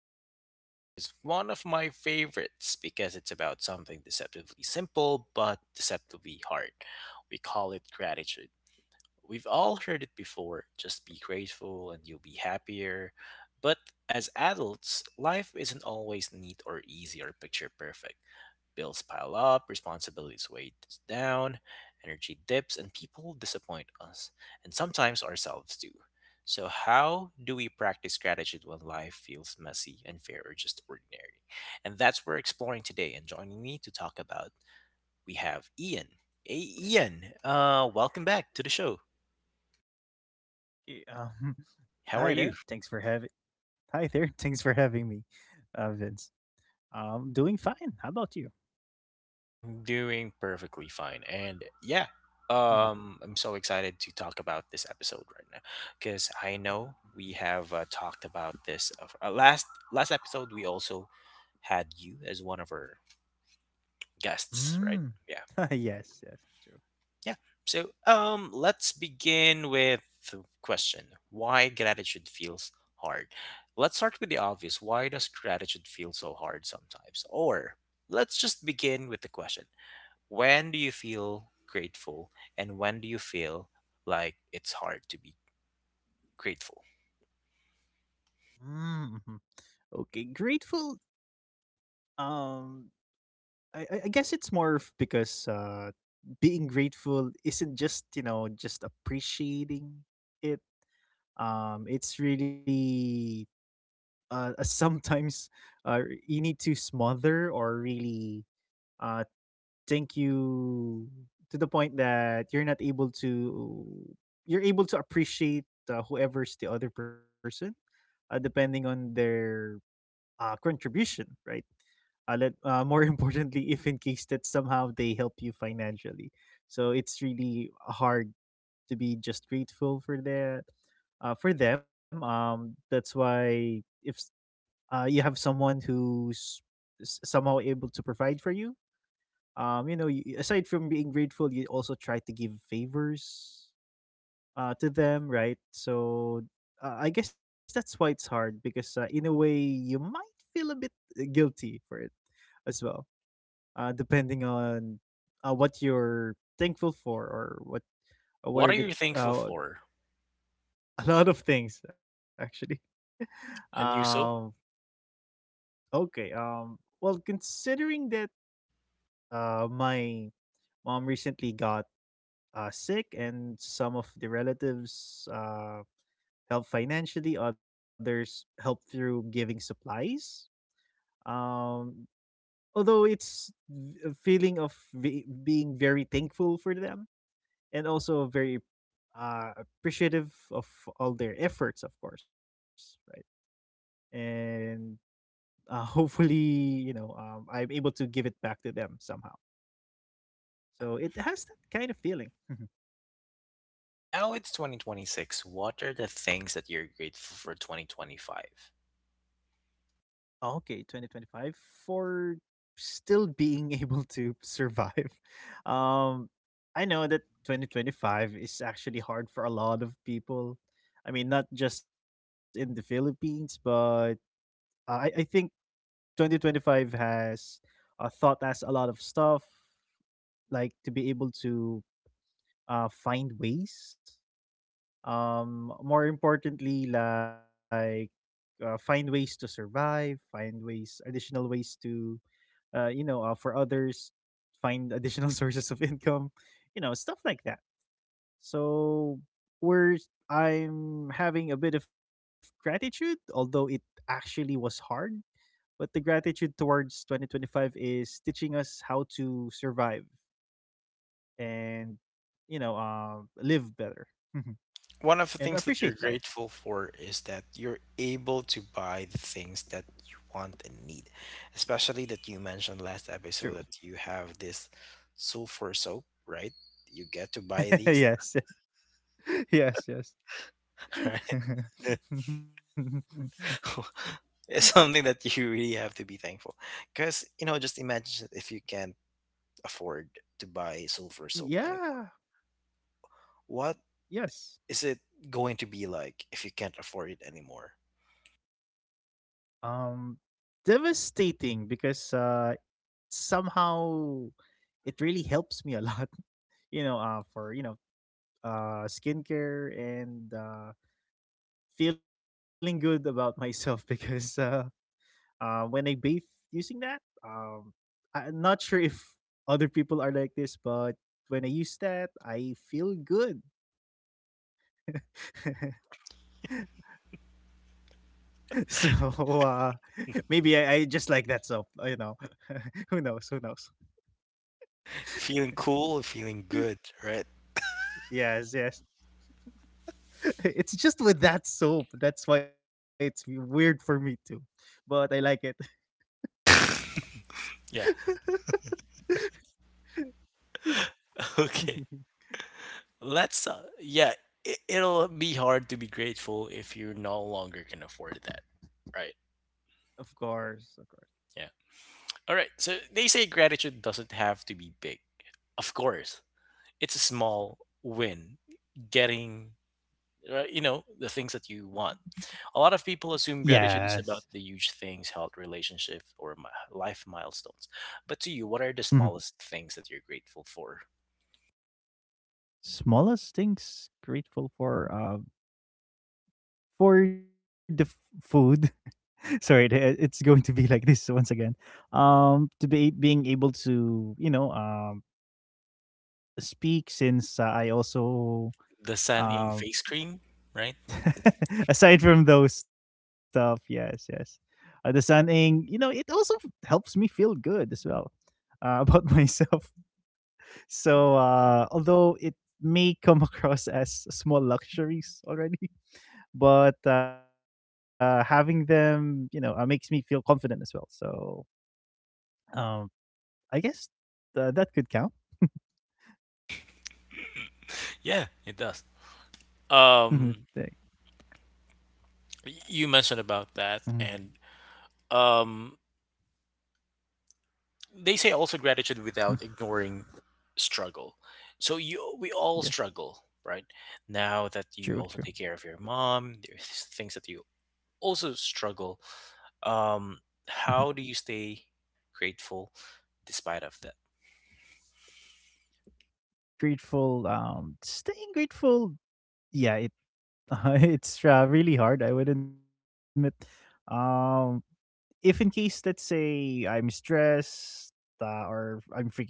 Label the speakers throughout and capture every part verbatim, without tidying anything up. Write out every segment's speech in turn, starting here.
Speaker 1: today's episode is one of my favorites because it's about something deceptively simple but deceptively hard. We call it gratitude. We've all heard it before, just be grateful and you'll be happier. But as adults, life isn't always neat or easy or picture perfect. Bills pile up, responsibilities weigh us down, energy dips, and people disappoint us, and sometimes ourselves too. So, how do we practice gratitude when life feels messy, unfair, or just ordinary? And that's what we're exploring today. And joining me to talk about, we have Ian. Hey, Ian, uh, welcome back to the show.
Speaker 2: Yeah, Um,
Speaker 1: How are
Speaker 2: hi
Speaker 1: you?
Speaker 2: there. Thanks for having. Hi there. Thanks for having me, uh, Vince. Um, doing fine. How about you?
Speaker 1: I'm doing perfectly fine. And yeah,
Speaker 2: Mhm,
Speaker 1: um, I'm so excited to talk about this episode right now because I
Speaker 2: mhm.
Speaker 1: know we have uh, talked about this uh, f- uh, last last episode. We also had you as one of our guests, right?
Speaker 2: Mm.
Speaker 1: Yeah,
Speaker 2: yes. Yes. True.
Speaker 1: yeah. So um, let's begin with the question: why gratitude feels hard? Let's start with the obvious. Why does gratitude feel so hard sometimes? Or let's just begin with the question, when do you feel grateful and when do you feel like it's hard to be grateful?
Speaker 2: Mm, mhm. Okay. Grateful. Um, I, I I guess it's more of because uh, being grateful isn't just you know just appreciating it. Um, it's really uh uh, sometimes uh you need to smother or really uh, think you to the point that you're not able to you're able to appreciate uh, whoever's the other person, uh, depending on their uh, contribution, right? uh, let uh, More importantly, if in case that somehow they help you financially, so it's really hard to be just grateful for that, uh, for them. Um that's why if s- uh, you have someone who's s- somehow able to provide for you, um you know you, aside from being grateful, you also try to give favors uh to them, right? So uh, I guess that's why it's hard, because uh, in a way you might feel a bit uh, guilty for it as well, uh depending on uh, what you're thankful for or what uh,
Speaker 1: What are
Speaker 2: where the
Speaker 1: you thankful
Speaker 2: uh,
Speaker 1: for?
Speaker 2: a lot of things, actually.
Speaker 1: A new
Speaker 2: Um
Speaker 1: soap?
Speaker 2: okay um well, considering that uh my mom recently got uh, sick, and some of the relatives uh, help financially, others help through giving supplies. Um, although it's v- a feeling of v- being very thankful for them, and also very uh, appreciative of all their efforts, of course, right? And uh, hopefully, you know, um, I'm able to give it back to them somehow.
Speaker 1: Yeah.
Speaker 2: So it has that kind of feeling.
Speaker 1: Now it's twenty twenty-six. What are the things that you're grateful for twenty twenty-five?
Speaker 2: Oh, okay. twenty twenty-five, for still being able to survive. Um, I know that twenty twenty-five is actually hard for a lot of people. I mean, not just in the Philippines, but uh, I I think twenty twenty-five has uh, taught us a lot of stuff, like to be able to uh find ways. Um, more importantly, like uh, find ways to survive, find ways, additional ways to uh, you know, uh, for others, find additional sources of income, you know, stuff like that. So we're I'm having a bit of gratitude, although it actually was hard. But the gratitude towards twenty twenty-five is teaching us how to survive and, you know, uh, live better
Speaker 1: One of the
Speaker 2: and
Speaker 1: things that you're
Speaker 2: appreciate life.
Speaker 1: grateful for is that you're able to buy the things that you want and need. Especially that you mentioned last
Speaker 2: True.
Speaker 1: episode that you have this sulfur soap, right? You get to buy these,
Speaker 2: Yes. Yes. Yes.
Speaker 1: right?
Speaker 2: Yes.
Speaker 1: It's something that you really have to be thankful, because you know, just imagine if you can't afford to buy sulfur soap anymore.
Speaker 2: Yeah.
Speaker 1: What
Speaker 2: Yes.
Speaker 1: is it going to be like if you can't afford it anymore?
Speaker 2: Um, devastating, because uh, somehow it really helps me a lot. You know, uh, for you know, uh, skincare and uh, feeling good about myself, because uh, uh, when I bathe using that, um, I'm not sure if other people are like this, but when I use that, I feel good. So uh, maybe I, I just like that soap. You know, who knows? Who knows?
Speaker 1: Feeling cool, feeling good, right?
Speaker 2: Yes, yes. It's just with that soap. That's why it's weird for me too. But I like it.
Speaker 1: Yeah. Okay. Let's. Uh, yeah. It, it'll be hard to be grateful if you no longer can afford that. Right.
Speaker 2: Of course, of course.
Speaker 1: Yeah. All right. So they say gratitude doesn't have to be big. Of course, it's a
Speaker 2: Mhm.
Speaker 1: small win. Getting, right? You know, the things that you want. A lot of people assume gratitude
Speaker 2: Yes.
Speaker 1: is about the huge things, health, relationship, or mi- life milestones. But to you, what are the
Speaker 2: Mhm.
Speaker 1: smallest things that you're grateful for?
Speaker 2: Smallest things grateful for, uh for the f- food. Sorry, the- uh, it's going to be like this once again. Um to be being able to, you know, um, speak, since uh, I also
Speaker 1: The sunning
Speaker 2: um
Speaker 1: face cream, right?
Speaker 2: aside from those stuff, yes, yes. Uh, the sunning, you know, it also f- helps me feel good as well, uh, about myself. So, uh, although it may come across as small luxuries already, but uh, having them, you know, uh, makes me feel confident as well. So, um, I guess uh, that could count.
Speaker 1: Yeah, it does. Um,
Speaker 2: They-
Speaker 1: y- you
Speaker 2: mhm,
Speaker 1: mentioned about that, and um, they say also
Speaker 2: mhm.
Speaker 1: gratitude without ignoring struggle. So you, we
Speaker 2: Yes,
Speaker 1: all struggle, right? Now that
Speaker 2: true, true.
Speaker 1: you also take care of your mom, there's things that you also struggle.
Speaker 2: Mhm.
Speaker 1: Um, how do you stay grateful despite of that?
Speaker 2: Grateful, um, staying grateful. Yeah, it Uh, it's uh, really hard, I would admit. Um, if in case, let's say, I'm stressed, uh, or I'm freaking out,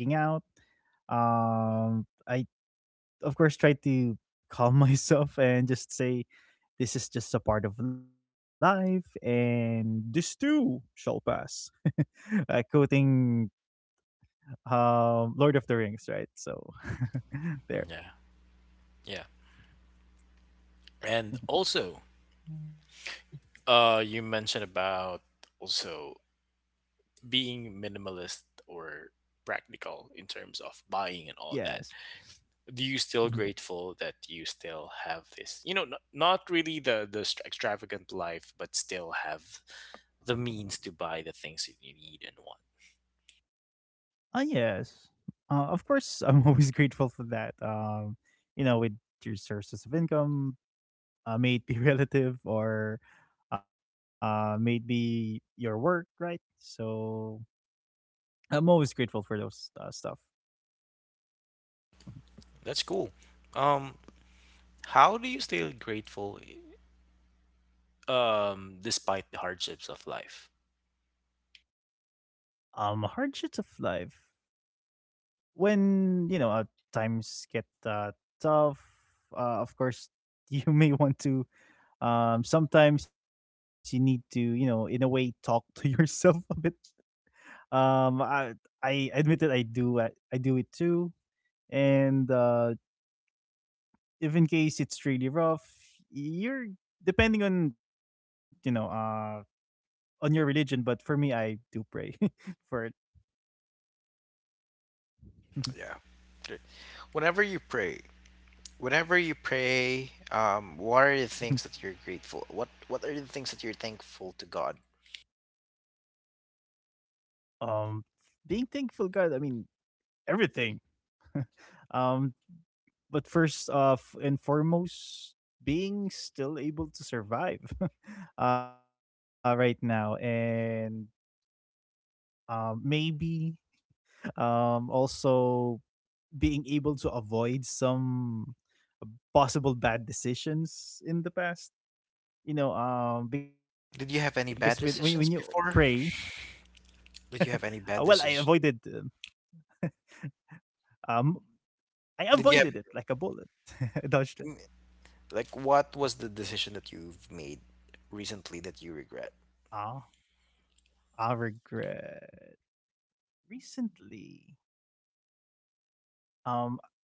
Speaker 2: um, I of course try to calm myself and just say, "This is just a part of life, and this too shall pass." uh, quoting um, Lord of the Rings, right? So there.
Speaker 1: Yeah, yeah. And also,
Speaker 2: Mhm.
Speaker 1: uh, you mentioned about also being minimalist or practical in terms of buying and
Speaker 2: Yes.
Speaker 1: all that. Do
Speaker 2: Mm-hmm.
Speaker 1: you still grateful that you still have this, you know, n- not really the the str- extravagant life, but still have the means to buy the things that you need and want?
Speaker 2: Ah, yes. Uh, of course, I'm always grateful for that. Um, you know, with your sources of income, uh, may it be relative or uh, may it be your work, right? So I'm always grateful for those uh, stuff.
Speaker 1: That's cool. Um, how do you stay grateful um despite the hardships of life?
Speaker 2: Mm-hmm. Um, hardships of life. When, you know, uh, times get uh, tough, uh, of course, you may want to, um, sometimes you need to, you know, in a way, talk to yourself a bit. Um, I I admit that I do I, I do it too, and uh, if in case it's really rough, you're depending on, you know uh on your religion. But for me, I do pray for it.
Speaker 1: Yeah. Great. Whenever you pray, whenever you pray, um, what are the things that you're grateful? What What are the things that you're thankful to God?
Speaker 2: Um, being thankful, God, I mean everything. Um, but first off and foremost, being still able to survive uh right now, and um, maybe um, also being able to avoid some uh, possible bad decisions in the past. You know, um, because with, when when
Speaker 1: Did you
Speaker 2: you
Speaker 1: have any bad
Speaker 2: pray,
Speaker 1: decisions before?
Speaker 2: uh, well,
Speaker 1: Did you
Speaker 2: I
Speaker 1: have any bad
Speaker 2: avoided, um,
Speaker 1: decisions?
Speaker 2: um, I avoided
Speaker 1: Did
Speaker 2: it
Speaker 1: you
Speaker 2: like a bullet, I dodged it.
Speaker 1: have? Like, what was the decision that you've made recently that you
Speaker 2: Ah,
Speaker 1: regret?
Speaker 2: I regret recently. Um,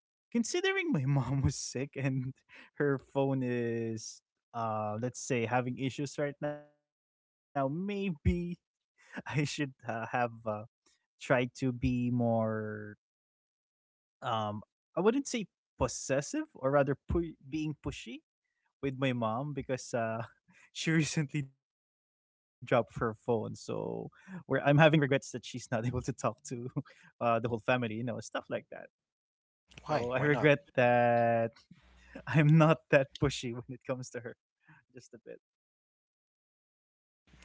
Speaker 2: considering my mom was sick, and her phone is, uh, let's say, having issues right now, maybe I should uh, have uh, try to be more um, I wouldn't say possessive, or rather pu- being pushy with my mom, because uh she recently dropped her phone, so where I'm having regrets that she's not able to talk to uh the whole family, you know, stuff like that. So I
Speaker 1: Why? Why not?
Speaker 2: regret that. I'm not that pushy when it comes to her. Just a bit.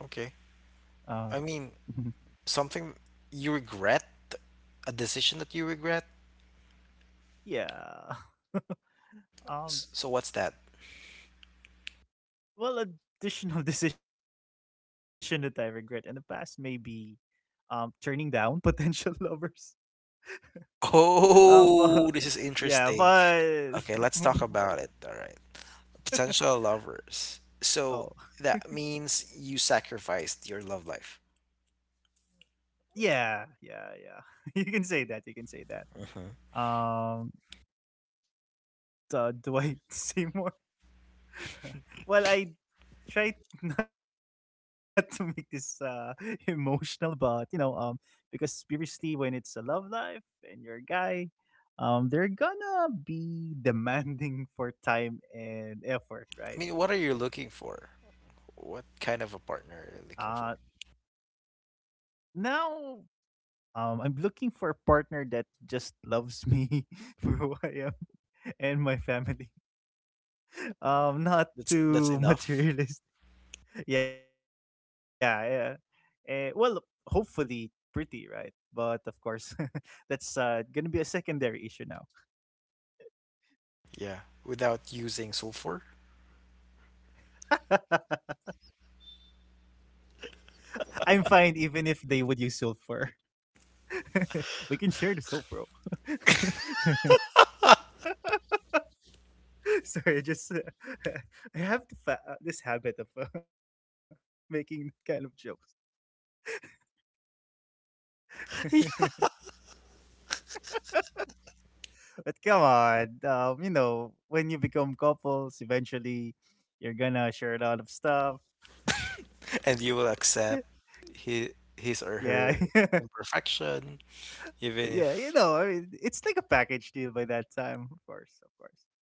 Speaker 1: Okay.
Speaker 2: uh
Speaker 1: I mean, something you regret? A decision that you regret?
Speaker 2: yeah. Um,
Speaker 1: S- So, what's that?
Speaker 2: well, additional decision that I regret in the past, maybe um, turning down potential lovers. Um, but
Speaker 1: Oh, this is
Speaker 2: yeah,
Speaker 1: interesting.
Speaker 2: but
Speaker 1: Okay, let's talk
Speaker 2: but-
Speaker 1: about it. All right. Potential lovers. So,
Speaker 2: oh,
Speaker 1: that means you sacrificed your love life.
Speaker 2: yeah, yeah, yeah. You can say that. You can say that.
Speaker 1: Hmm.
Speaker 2: Um, do, do I say more? Well, I try not to make this uh emotional, but you know, um, because previously, when it's a love life and you're a guy, um, they're gonna be demanding for time and effort,
Speaker 1: I
Speaker 2: right?
Speaker 1: mean, what are you looking for? What kind
Speaker 2: uh
Speaker 1: of a partner are you looking for?
Speaker 2: Now, um, I'm looking for a partner that just loves me for who I am, and my family. Um, not
Speaker 1: That's that's
Speaker 2: too
Speaker 1: enough.
Speaker 2: materialist. Yeah, yeah. Eh, well, hopefully pretty, right? But of course, that's uh gonna be a secondary issue now.
Speaker 1: Yeah, without using sulfur.
Speaker 2: I'm fine even if they would use soap for. We can share the soap, bro. Sorry, I just uh, I have to fa- uh, this habit of uh, making kind of jokes. But come on, um, you know, when you become couples, eventually you're gonna share a lot of stuff.
Speaker 1: And you will accept his,
Speaker 2: Yeah,
Speaker 1: his or her imperfection, even
Speaker 2: yeah, you
Speaker 1: if
Speaker 2: know, I mean, it's like a package deal by that time, of course, of course,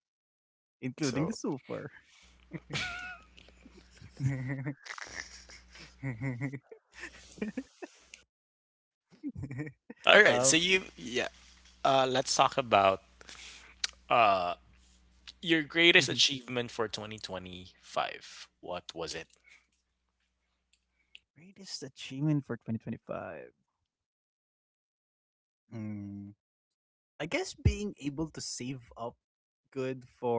Speaker 1: so.
Speaker 2: including the sulfur.
Speaker 1: All right, so
Speaker 2: um,
Speaker 1: you, yeah, uh let's talk about uh your greatest achievement for twenty twenty-five. What was it?
Speaker 2: greatest achievement for twenty twenty-five. I guess being able to save up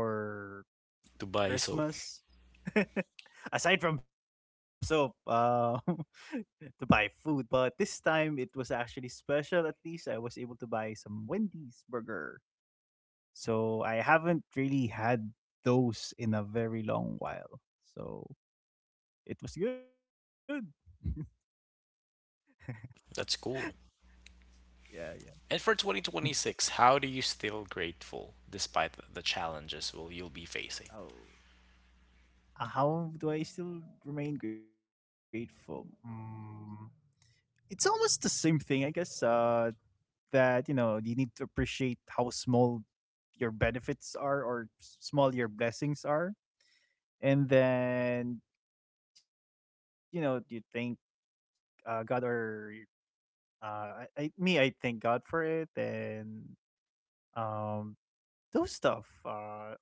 Speaker 2: good for
Speaker 1: Dubai, so
Speaker 2: Christmas. Aside from soap, uh, to buy food, but this time it was actually special. At least I was able to buy some Wendy's burger, so I haven't really had those in a very long while. So it was good.
Speaker 1: that's cool.
Speaker 2: Yeah, yeah.
Speaker 1: And for twenty twenty-six, how do you still grateful despite the the challenges will you'll be facing?
Speaker 2: Oh, how do I still remain grateful? Mm, it's almost the same thing, I guess. Uh, that, you know, you need to appreciate how small your benefits are, or s- small your blessings are, and then, you know, you thank uh, god, or uh, I, I me i thank god for it. And um, those stuff. Uh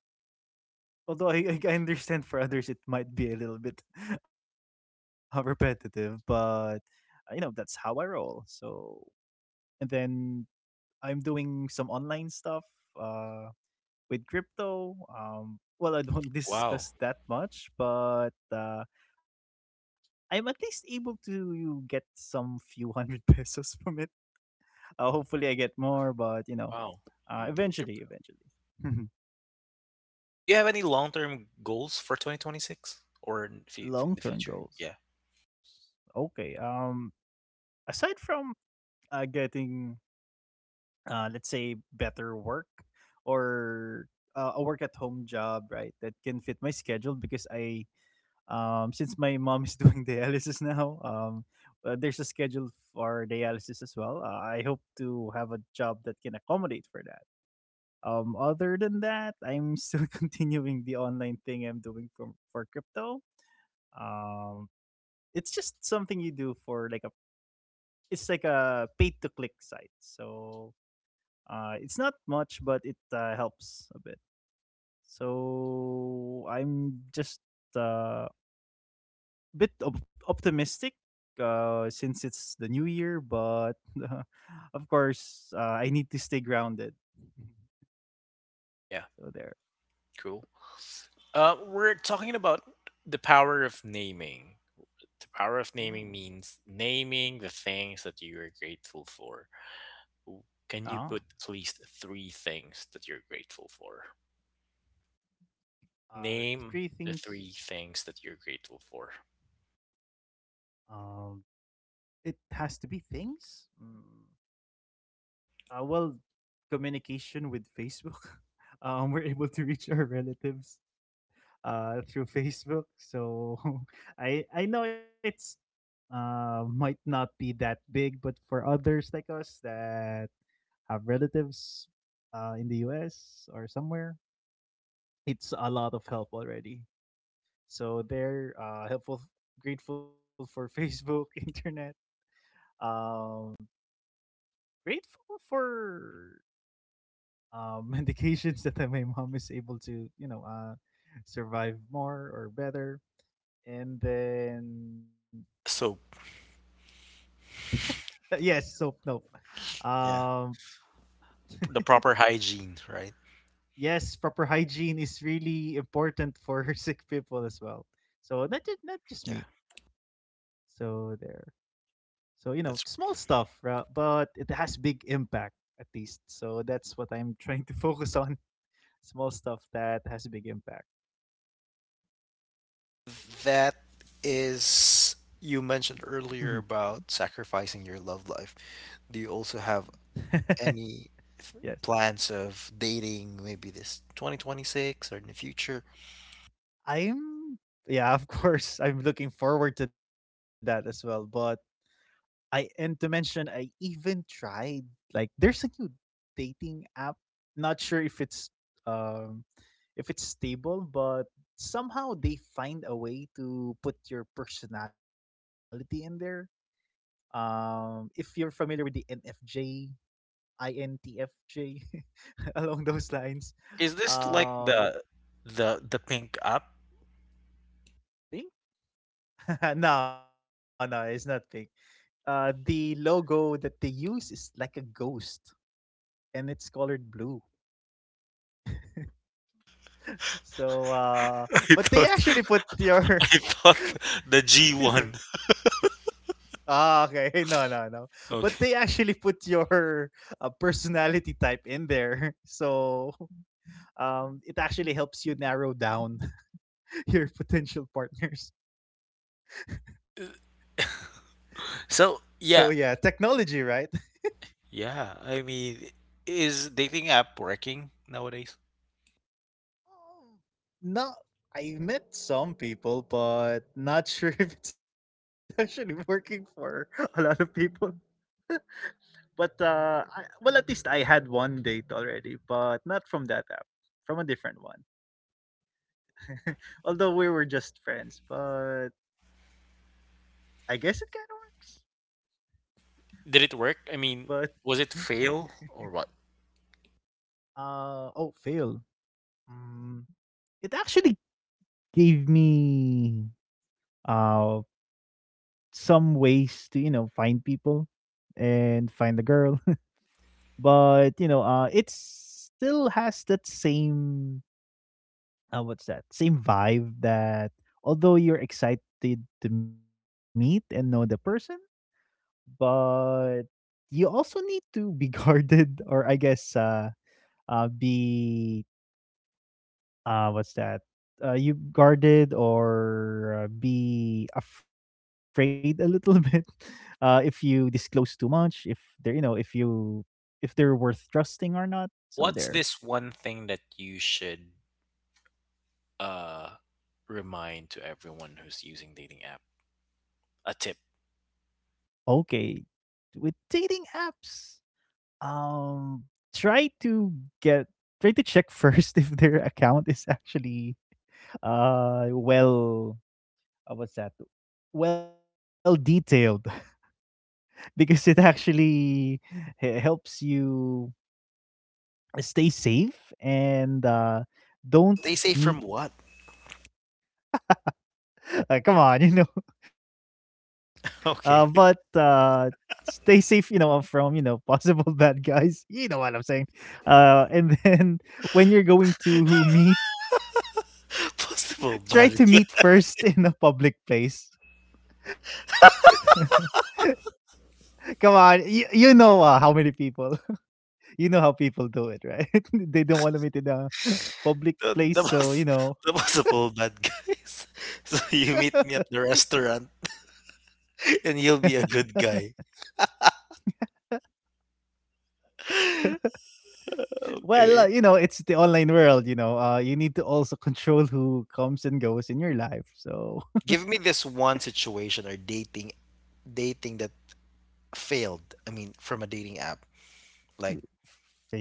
Speaker 2: although I, I understand for others it might be a little bit uh, repetitive, but uh, you know, that's how I roll. So, and then, I'm doing some online stuff uh with crypto. Um, well, I don't
Speaker 1: Wow.
Speaker 2: discuss that much, but uh, I'm at least able to get some few hundred pesos from it. Uh, hopefully I get more, but you know,
Speaker 1: Wow.
Speaker 2: uh,
Speaker 1: You do keep.
Speaker 2: eventually, eventually.
Speaker 1: Do you have any long-term goals for twenty twenty-six or in, f- in
Speaker 2: Long
Speaker 1: the
Speaker 2: term
Speaker 1: future? Yeah.
Speaker 2: goals. Okay. Um, aside from uh, getting, uh, let's say, better work, or uh, a work at home job, right, that can fit my schedule, because I— um, since my mom is doing dialysis now, um, uh, there's a schedule for dialysis as well. Uh, I hope to have a job that can accommodate for that. Um, other than that, I'm still continuing the online thing I'm doing from for crypto. Um, it's just something you do for like a it's like a paid to click site. So uh, it's not much, but it uh, helps a bit. So I'm just uh, bit op- optimistic, uh, since it's the new year, but of course, uh, I need to stay grounded.
Speaker 1: Yeah.
Speaker 2: So there.
Speaker 1: Cool. Uh, we're talking about the power of naming. The power
Speaker 2: Mm.
Speaker 1: of naming means naming the things that you are grateful for. W- Can
Speaker 2: Oh,
Speaker 1: you put at least three things that you're grateful for?
Speaker 2: Uh,
Speaker 1: Name
Speaker 2: three
Speaker 1: the
Speaker 2: things.
Speaker 1: three things that you're grateful for.
Speaker 2: Um, it has to be things. Mm. Uh, well, communication with Facebook. Um, we're able to reach our relatives uh, through Facebook. So I I know it's uh, might not be that big, but for others like us that have relatives uh, in the U S or somewhere, it's a lot of help already. So they're uh, helpful, grateful for Facebook, internet, um, grateful for um, medications that my mom is able to, you know, uh, survive more or better. And then,
Speaker 1: So,
Speaker 2: yes, soap, no.
Speaker 1: yeah,
Speaker 2: Um,
Speaker 1: the proper hygiene, right?
Speaker 2: yes, proper hygiene is really important for sick people as well. So not just, not just
Speaker 1: Yeah.
Speaker 2: me. So there. So you know, small
Speaker 1: That's
Speaker 2: stuff, ra- but it has big impact at least. So that's what I'm trying to focus on. Small stuff that has big impact.
Speaker 1: That is you mentioned
Speaker 2: Mhm.
Speaker 1: earlier about sacrificing your love life. Do you also have any f-
Speaker 2: Yes.
Speaker 1: plans of dating maybe this twenty twenty-six or in the future?
Speaker 2: I'm Yeah, of course. I'm looking forward to that as well, but I and to mention I even tried like there's a new dating app. Not sure if it's um if it's stable, but somehow they find a way to put your personality in there. Um, if you're familiar with the N F J, I N T F J, along those lines,
Speaker 1: Is this like
Speaker 2: um,
Speaker 1: the the the pink app?
Speaker 2: pink? No, no, it's not pink. Uh, the logo that they use is like a ghost, and it's colored blue. So, uh, but
Speaker 1: I
Speaker 2: they
Speaker 1: thought,
Speaker 2: actually put your
Speaker 1: I thought the G one.
Speaker 2: ah, okay, no, no, no. But they actually
Speaker 1: Okay.
Speaker 2: put your uh, personality type in there, so um, it actually helps you narrow down your potential partners. So
Speaker 1: So
Speaker 2: yeah,
Speaker 1: yeah,
Speaker 2: technology, right?
Speaker 1: yeah. I mean, is dating app working nowadays?
Speaker 2: Um, Not I met some people, but not sure if it's actually working for a lot of people. But uh, I, well, at least I had one date already, but not from that app, from a different one. Although we were just friends, but I guess it kind of works.
Speaker 1: Did it work? I
Speaker 2: But
Speaker 1: mean, was it fail or what?
Speaker 2: uh oh, fail. Mm, it actually gave me uh some ways to, you know, find people and find the girl, but you know, uh it still has that same uh, what's that same vibe that although you're excited to meet and know the person, but you also need to be guarded, or I guess uh uh be uh what's that uh you guarded, or uh, be afraid a little bit, uh if you disclose too much, if they're, you know, if you if they're worth trusting or not. So there.
Speaker 1: What's this one thing that you should uh remind to everyone who's using dating app? A tip.
Speaker 2: Okay, with dating apps, um try to get try to check first if their account is actually uh well uh, what's that well detailed, because it actually he- helps you stay safe, and uh, don't
Speaker 1: Stay safe
Speaker 2: meet.
Speaker 1: from what?
Speaker 2: Uh, come on, you know. Uh, but uh,
Speaker 1: Okay.
Speaker 2: stay safe, you know, uh, from, you know, possible bad guys. You know what I'm saying. Uh, and then when you're going to meet,
Speaker 1: Possible
Speaker 2: try to
Speaker 1: bad
Speaker 2: meet
Speaker 1: guy.
Speaker 2: first in a public place. Come on, you, you know, uh, how many people. You know how people do it, right? They don't want to meet in a public
Speaker 1: The
Speaker 2: place,
Speaker 1: the
Speaker 2: so
Speaker 1: most
Speaker 2: you know.
Speaker 1: the possible bad guys. So you meet me at the restaurant and you'll be a good guy.
Speaker 2: Well, uh,
Speaker 1: Okay.
Speaker 2: you know, it's the online world, you know. Uh, you need to also control who comes and goes in your life. So,
Speaker 1: Give me this one situation or dating dating that failed. I mean, from a dating app.
Speaker 2: mm.
Speaker 1: Like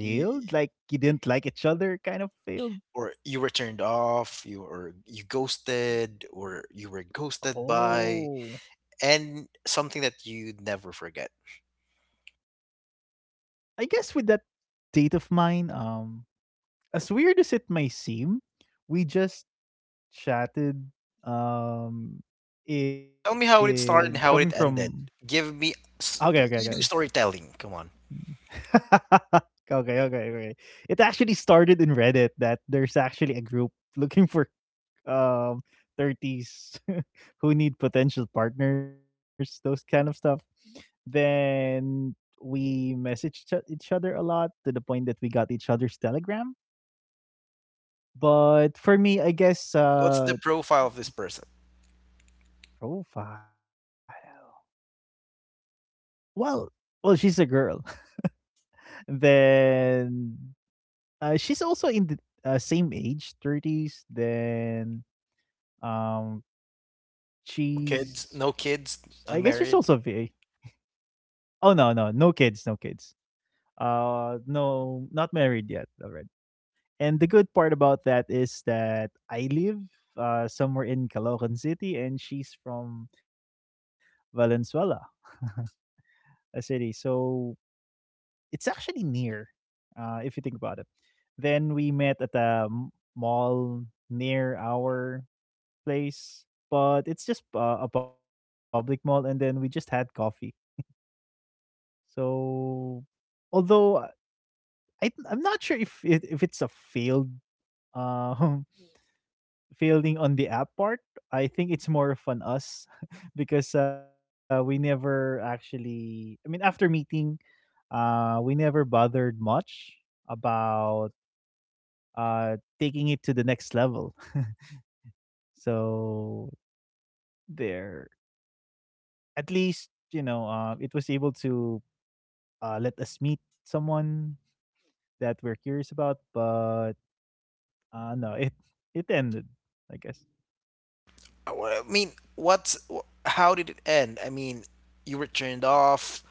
Speaker 1: you,
Speaker 2: Like, you didn't like each other, kind of failed?
Speaker 1: or you were turned off, you or you ghosted, or you were ghosted by,
Speaker 2: Oh.
Speaker 1: and something that you never forget.
Speaker 2: I guess with that date of mine, um, as weird as it may seem, we just chatted um
Speaker 1: Tell me
Speaker 2: in
Speaker 1: how it
Speaker 2: coming
Speaker 1: started and how
Speaker 2: from
Speaker 1: it ended. Give me,
Speaker 2: okay okay
Speaker 1: s-
Speaker 2: okay.
Speaker 1: you do storytelling. Come on.
Speaker 2: Okay, okay, okay, it actually started in reddit, that there's actually a group looking for um thirties who need potential partners, those kind of stuff. Then we messaged each each other a lot, to the point that we got each other's telegram. But for me, I guess
Speaker 1: What's the
Speaker 2: uh
Speaker 1: profile of this person?
Speaker 2: profile. Well, well, she's a girl. Then uh, she's also in the uh, same age, thirties. Then um
Speaker 1: No Kids? No kids?
Speaker 2: she's, I guess she's
Speaker 1: Unmarried?
Speaker 2: also V A. Oh no, no, no kids, no kids. Uh, no, not married yet already. And the good part about that is that I live uh, somewhere in Caloocan City, and she's from Valenzuela, a city. So it's actually near, uh, if you think about it. Then we met at a m- mall near our place, but it's just uh, a public mall, and then we just had coffee. So although I, I'm not sure if it, if it's a failed um failing on the app part, I think it's more of an us, because uh, we never actually, I mean, after meeting, uh we never bothered much about uh taking it to the next level. So there, at least you know, uh, it was able to uh, let us meet someone that we're curious about, but uh no it it ended, I guess.
Speaker 1: Uh, what- I mean, what's wh- how did it end? I mean, you were turned off.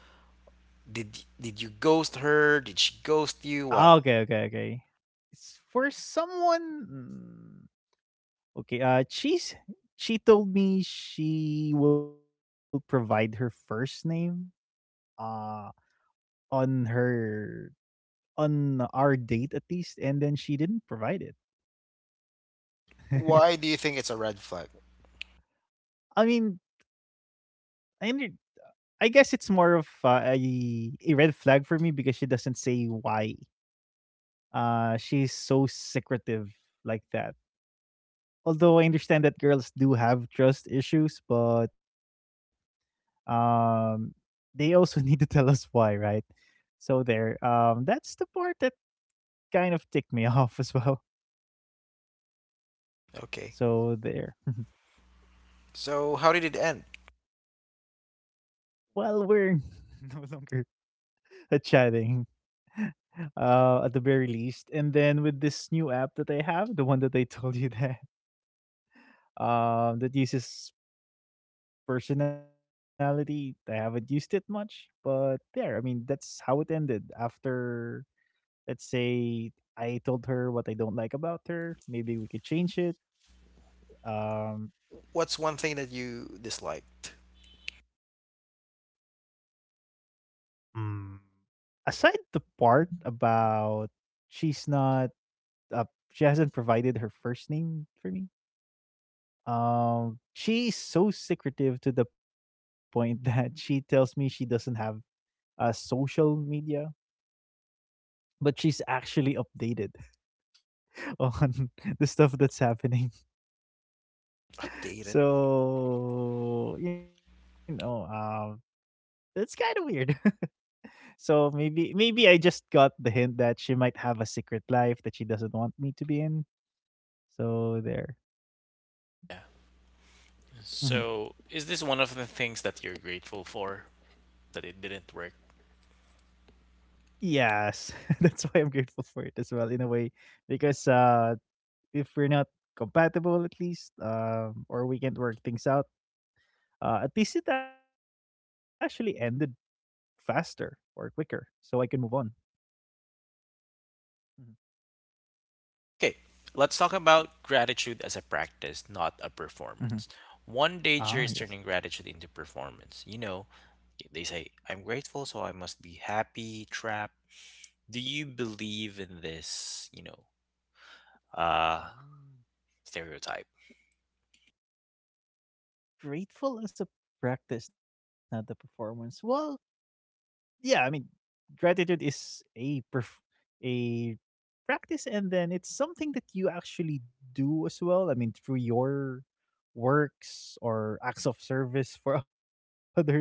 Speaker 1: Did y- did you ghost her? Did she ghost
Speaker 2: Ah,
Speaker 1: you? What?
Speaker 2: okay okay okay, s- for someone mm, okay uh she's, she told me she will provide her first name uh on her, on our date at least, and then she didn't provide it.
Speaker 1: Why?
Speaker 2: i mean i, under- I guess it's more of uh, a a red flag for me, because she doesn't say why, uh she's so secretive like that. Although I understand that girls do have trust issues, but um they also need to tell us why, right? So there, um that's the part that kind of ticked me off as well.
Speaker 1: Okay.
Speaker 2: So there.
Speaker 1: So how did it end?
Speaker 2: Well, we're no longer chatting, uh at the very least. And then with this new app that I have, the one that I told you that um that uses personality, I haven't used it much, but there, I mean, that's how it ended, after, let's say, I told her what I don't like about her. Maybe we could change it. Um,
Speaker 1: What's one thing that you disliked?
Speaker 2: mm, aside the part about, she's not, uh, she hasn't provided her first name for me. Um, she's so secretive to the point that she tells me she doesn't have uh, social media, but she's actually updated on the stuff that's happening.
Speaker 1: Updated.
Speaker 2: So you know, um, it's kind of weird. So maybe maybe I just got the hint that she might have a secret life that she doesn't want me to be in. So there. Mhm.
Speaker 1: So, is this one of the things that you're grateful for that it didn't work?
Speaker 2: Yes, that's why I'm grateful for it as well, in a way, because uh if we're not compatible, at least, um or we can't work things out, uh at least it actually ended faster or quicker so I can move on. Mhm.
Speaker 1: Okay, let's talk about gratitude as a practice, not a
Speaker 2: Mhm.
Speaker 1: performance. One danger
Speaker 2: Ah,
Speaker 1: is
Speaker 2: yes.
Speaker 1: turning gratitude into performance. You know, they say, I'm grateful, so I must be happy trap. Do you believe in this, you know, uh,
Speaker 2: Mm.
Speaker 1: stereotype?
Speaker 2: Grateful as a practice, not the performance. Well, yeah, I mean, gratitude is a perf- a practice, and then it's something that you actually do as well. I mean, through your works or acts of service for others.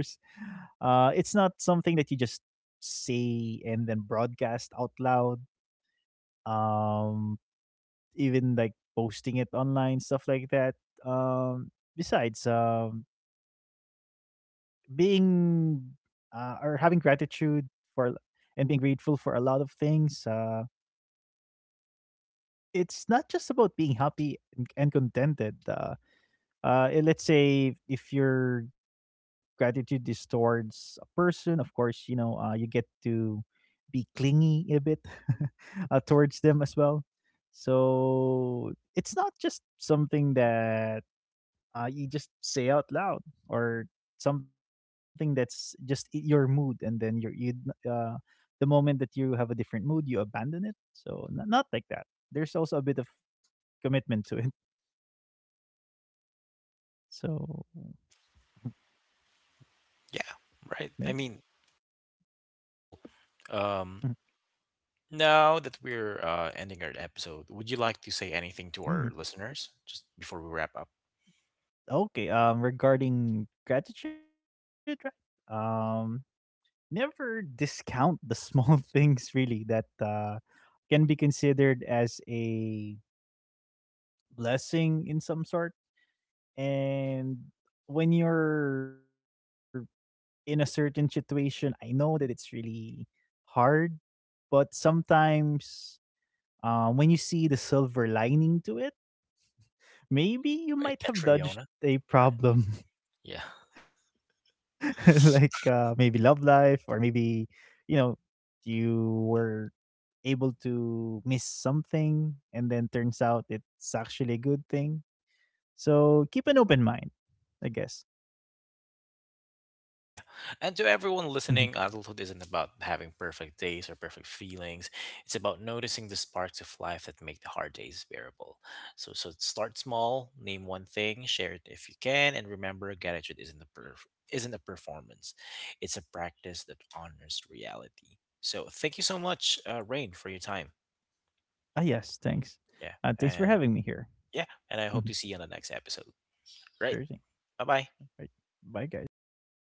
Speaker 2: Uh, it's not something that you just say and then broadcast out loud. Um, Even like posting it online, stuff like that. Um, besides, um, being uh, or having gratitude for and being grateful for a lot of things, uh, it's not just about being happy and, and contented. Uh, uh, eh, let's say if your gratitude is towards a person, of course, you know, uh, you get to be clingy a bit, uh, towards them as well. So it's not just something that uh, you just say out loud, or something that's just i- your mood, and then you're you, uh, the moment that you have a different mood you abandon it. So n- not like that. There's also a bit of commitment to it. So there.
Speaker 1: Yeah, right? I mean,
Speaker 2: Mhm.
Speaker 1: cool. Um, now that we're uh, ending our episode, would you like to say anything
Speaker 2: Mhm.
Speaker 1: to our listeners just before we wrap up?
Speaker 2: Okay, um regarding gratitude, right, um never discount the small things really, that uh can be considered as a blessing in some sort. And when you're in a certain situation, I know that it's really hard, but sometimes, uh, when you see the silver lining to it, maybe you
Speaker 1: By
Speaker 2: might have dodged
Speaker 1: Catriona?
Speaker 2: a
Speaker 1: Right.
Speaker 2: problem,
Speaker 1: Yeah.
Speaker 2: like, uh, maybe love life, or maybe, you know, you were able to miss something and then turns out it's actually a good thing. So keep an open mind, I guess.
Speaker 1: Yeah. And to everyone listening, adulthood isn't about having perfect days or perfect feelings. It's about noticing the sparks of life that make the hard days bearable. So, so start small, name one thing, share it if you can, and remember gratitude isn't a perf- isn't a performance. It's a practice that honors reality. So thank you so much, uh, Rain, for your time.
Speaker 2: Ah, yes, thanks.
Speaker 1: Yeah.
Speaker 2: Uh, thanks for
Speaker 1: And
Speaker 2: having me here.
Speaker 1: yeah, and I hope to see you on the next episode. Right?
Speaker 2: Sure thing.
Speaker 1: Bye-bye.
Speaker 2: Right. Bye, guys. Thanks for having me.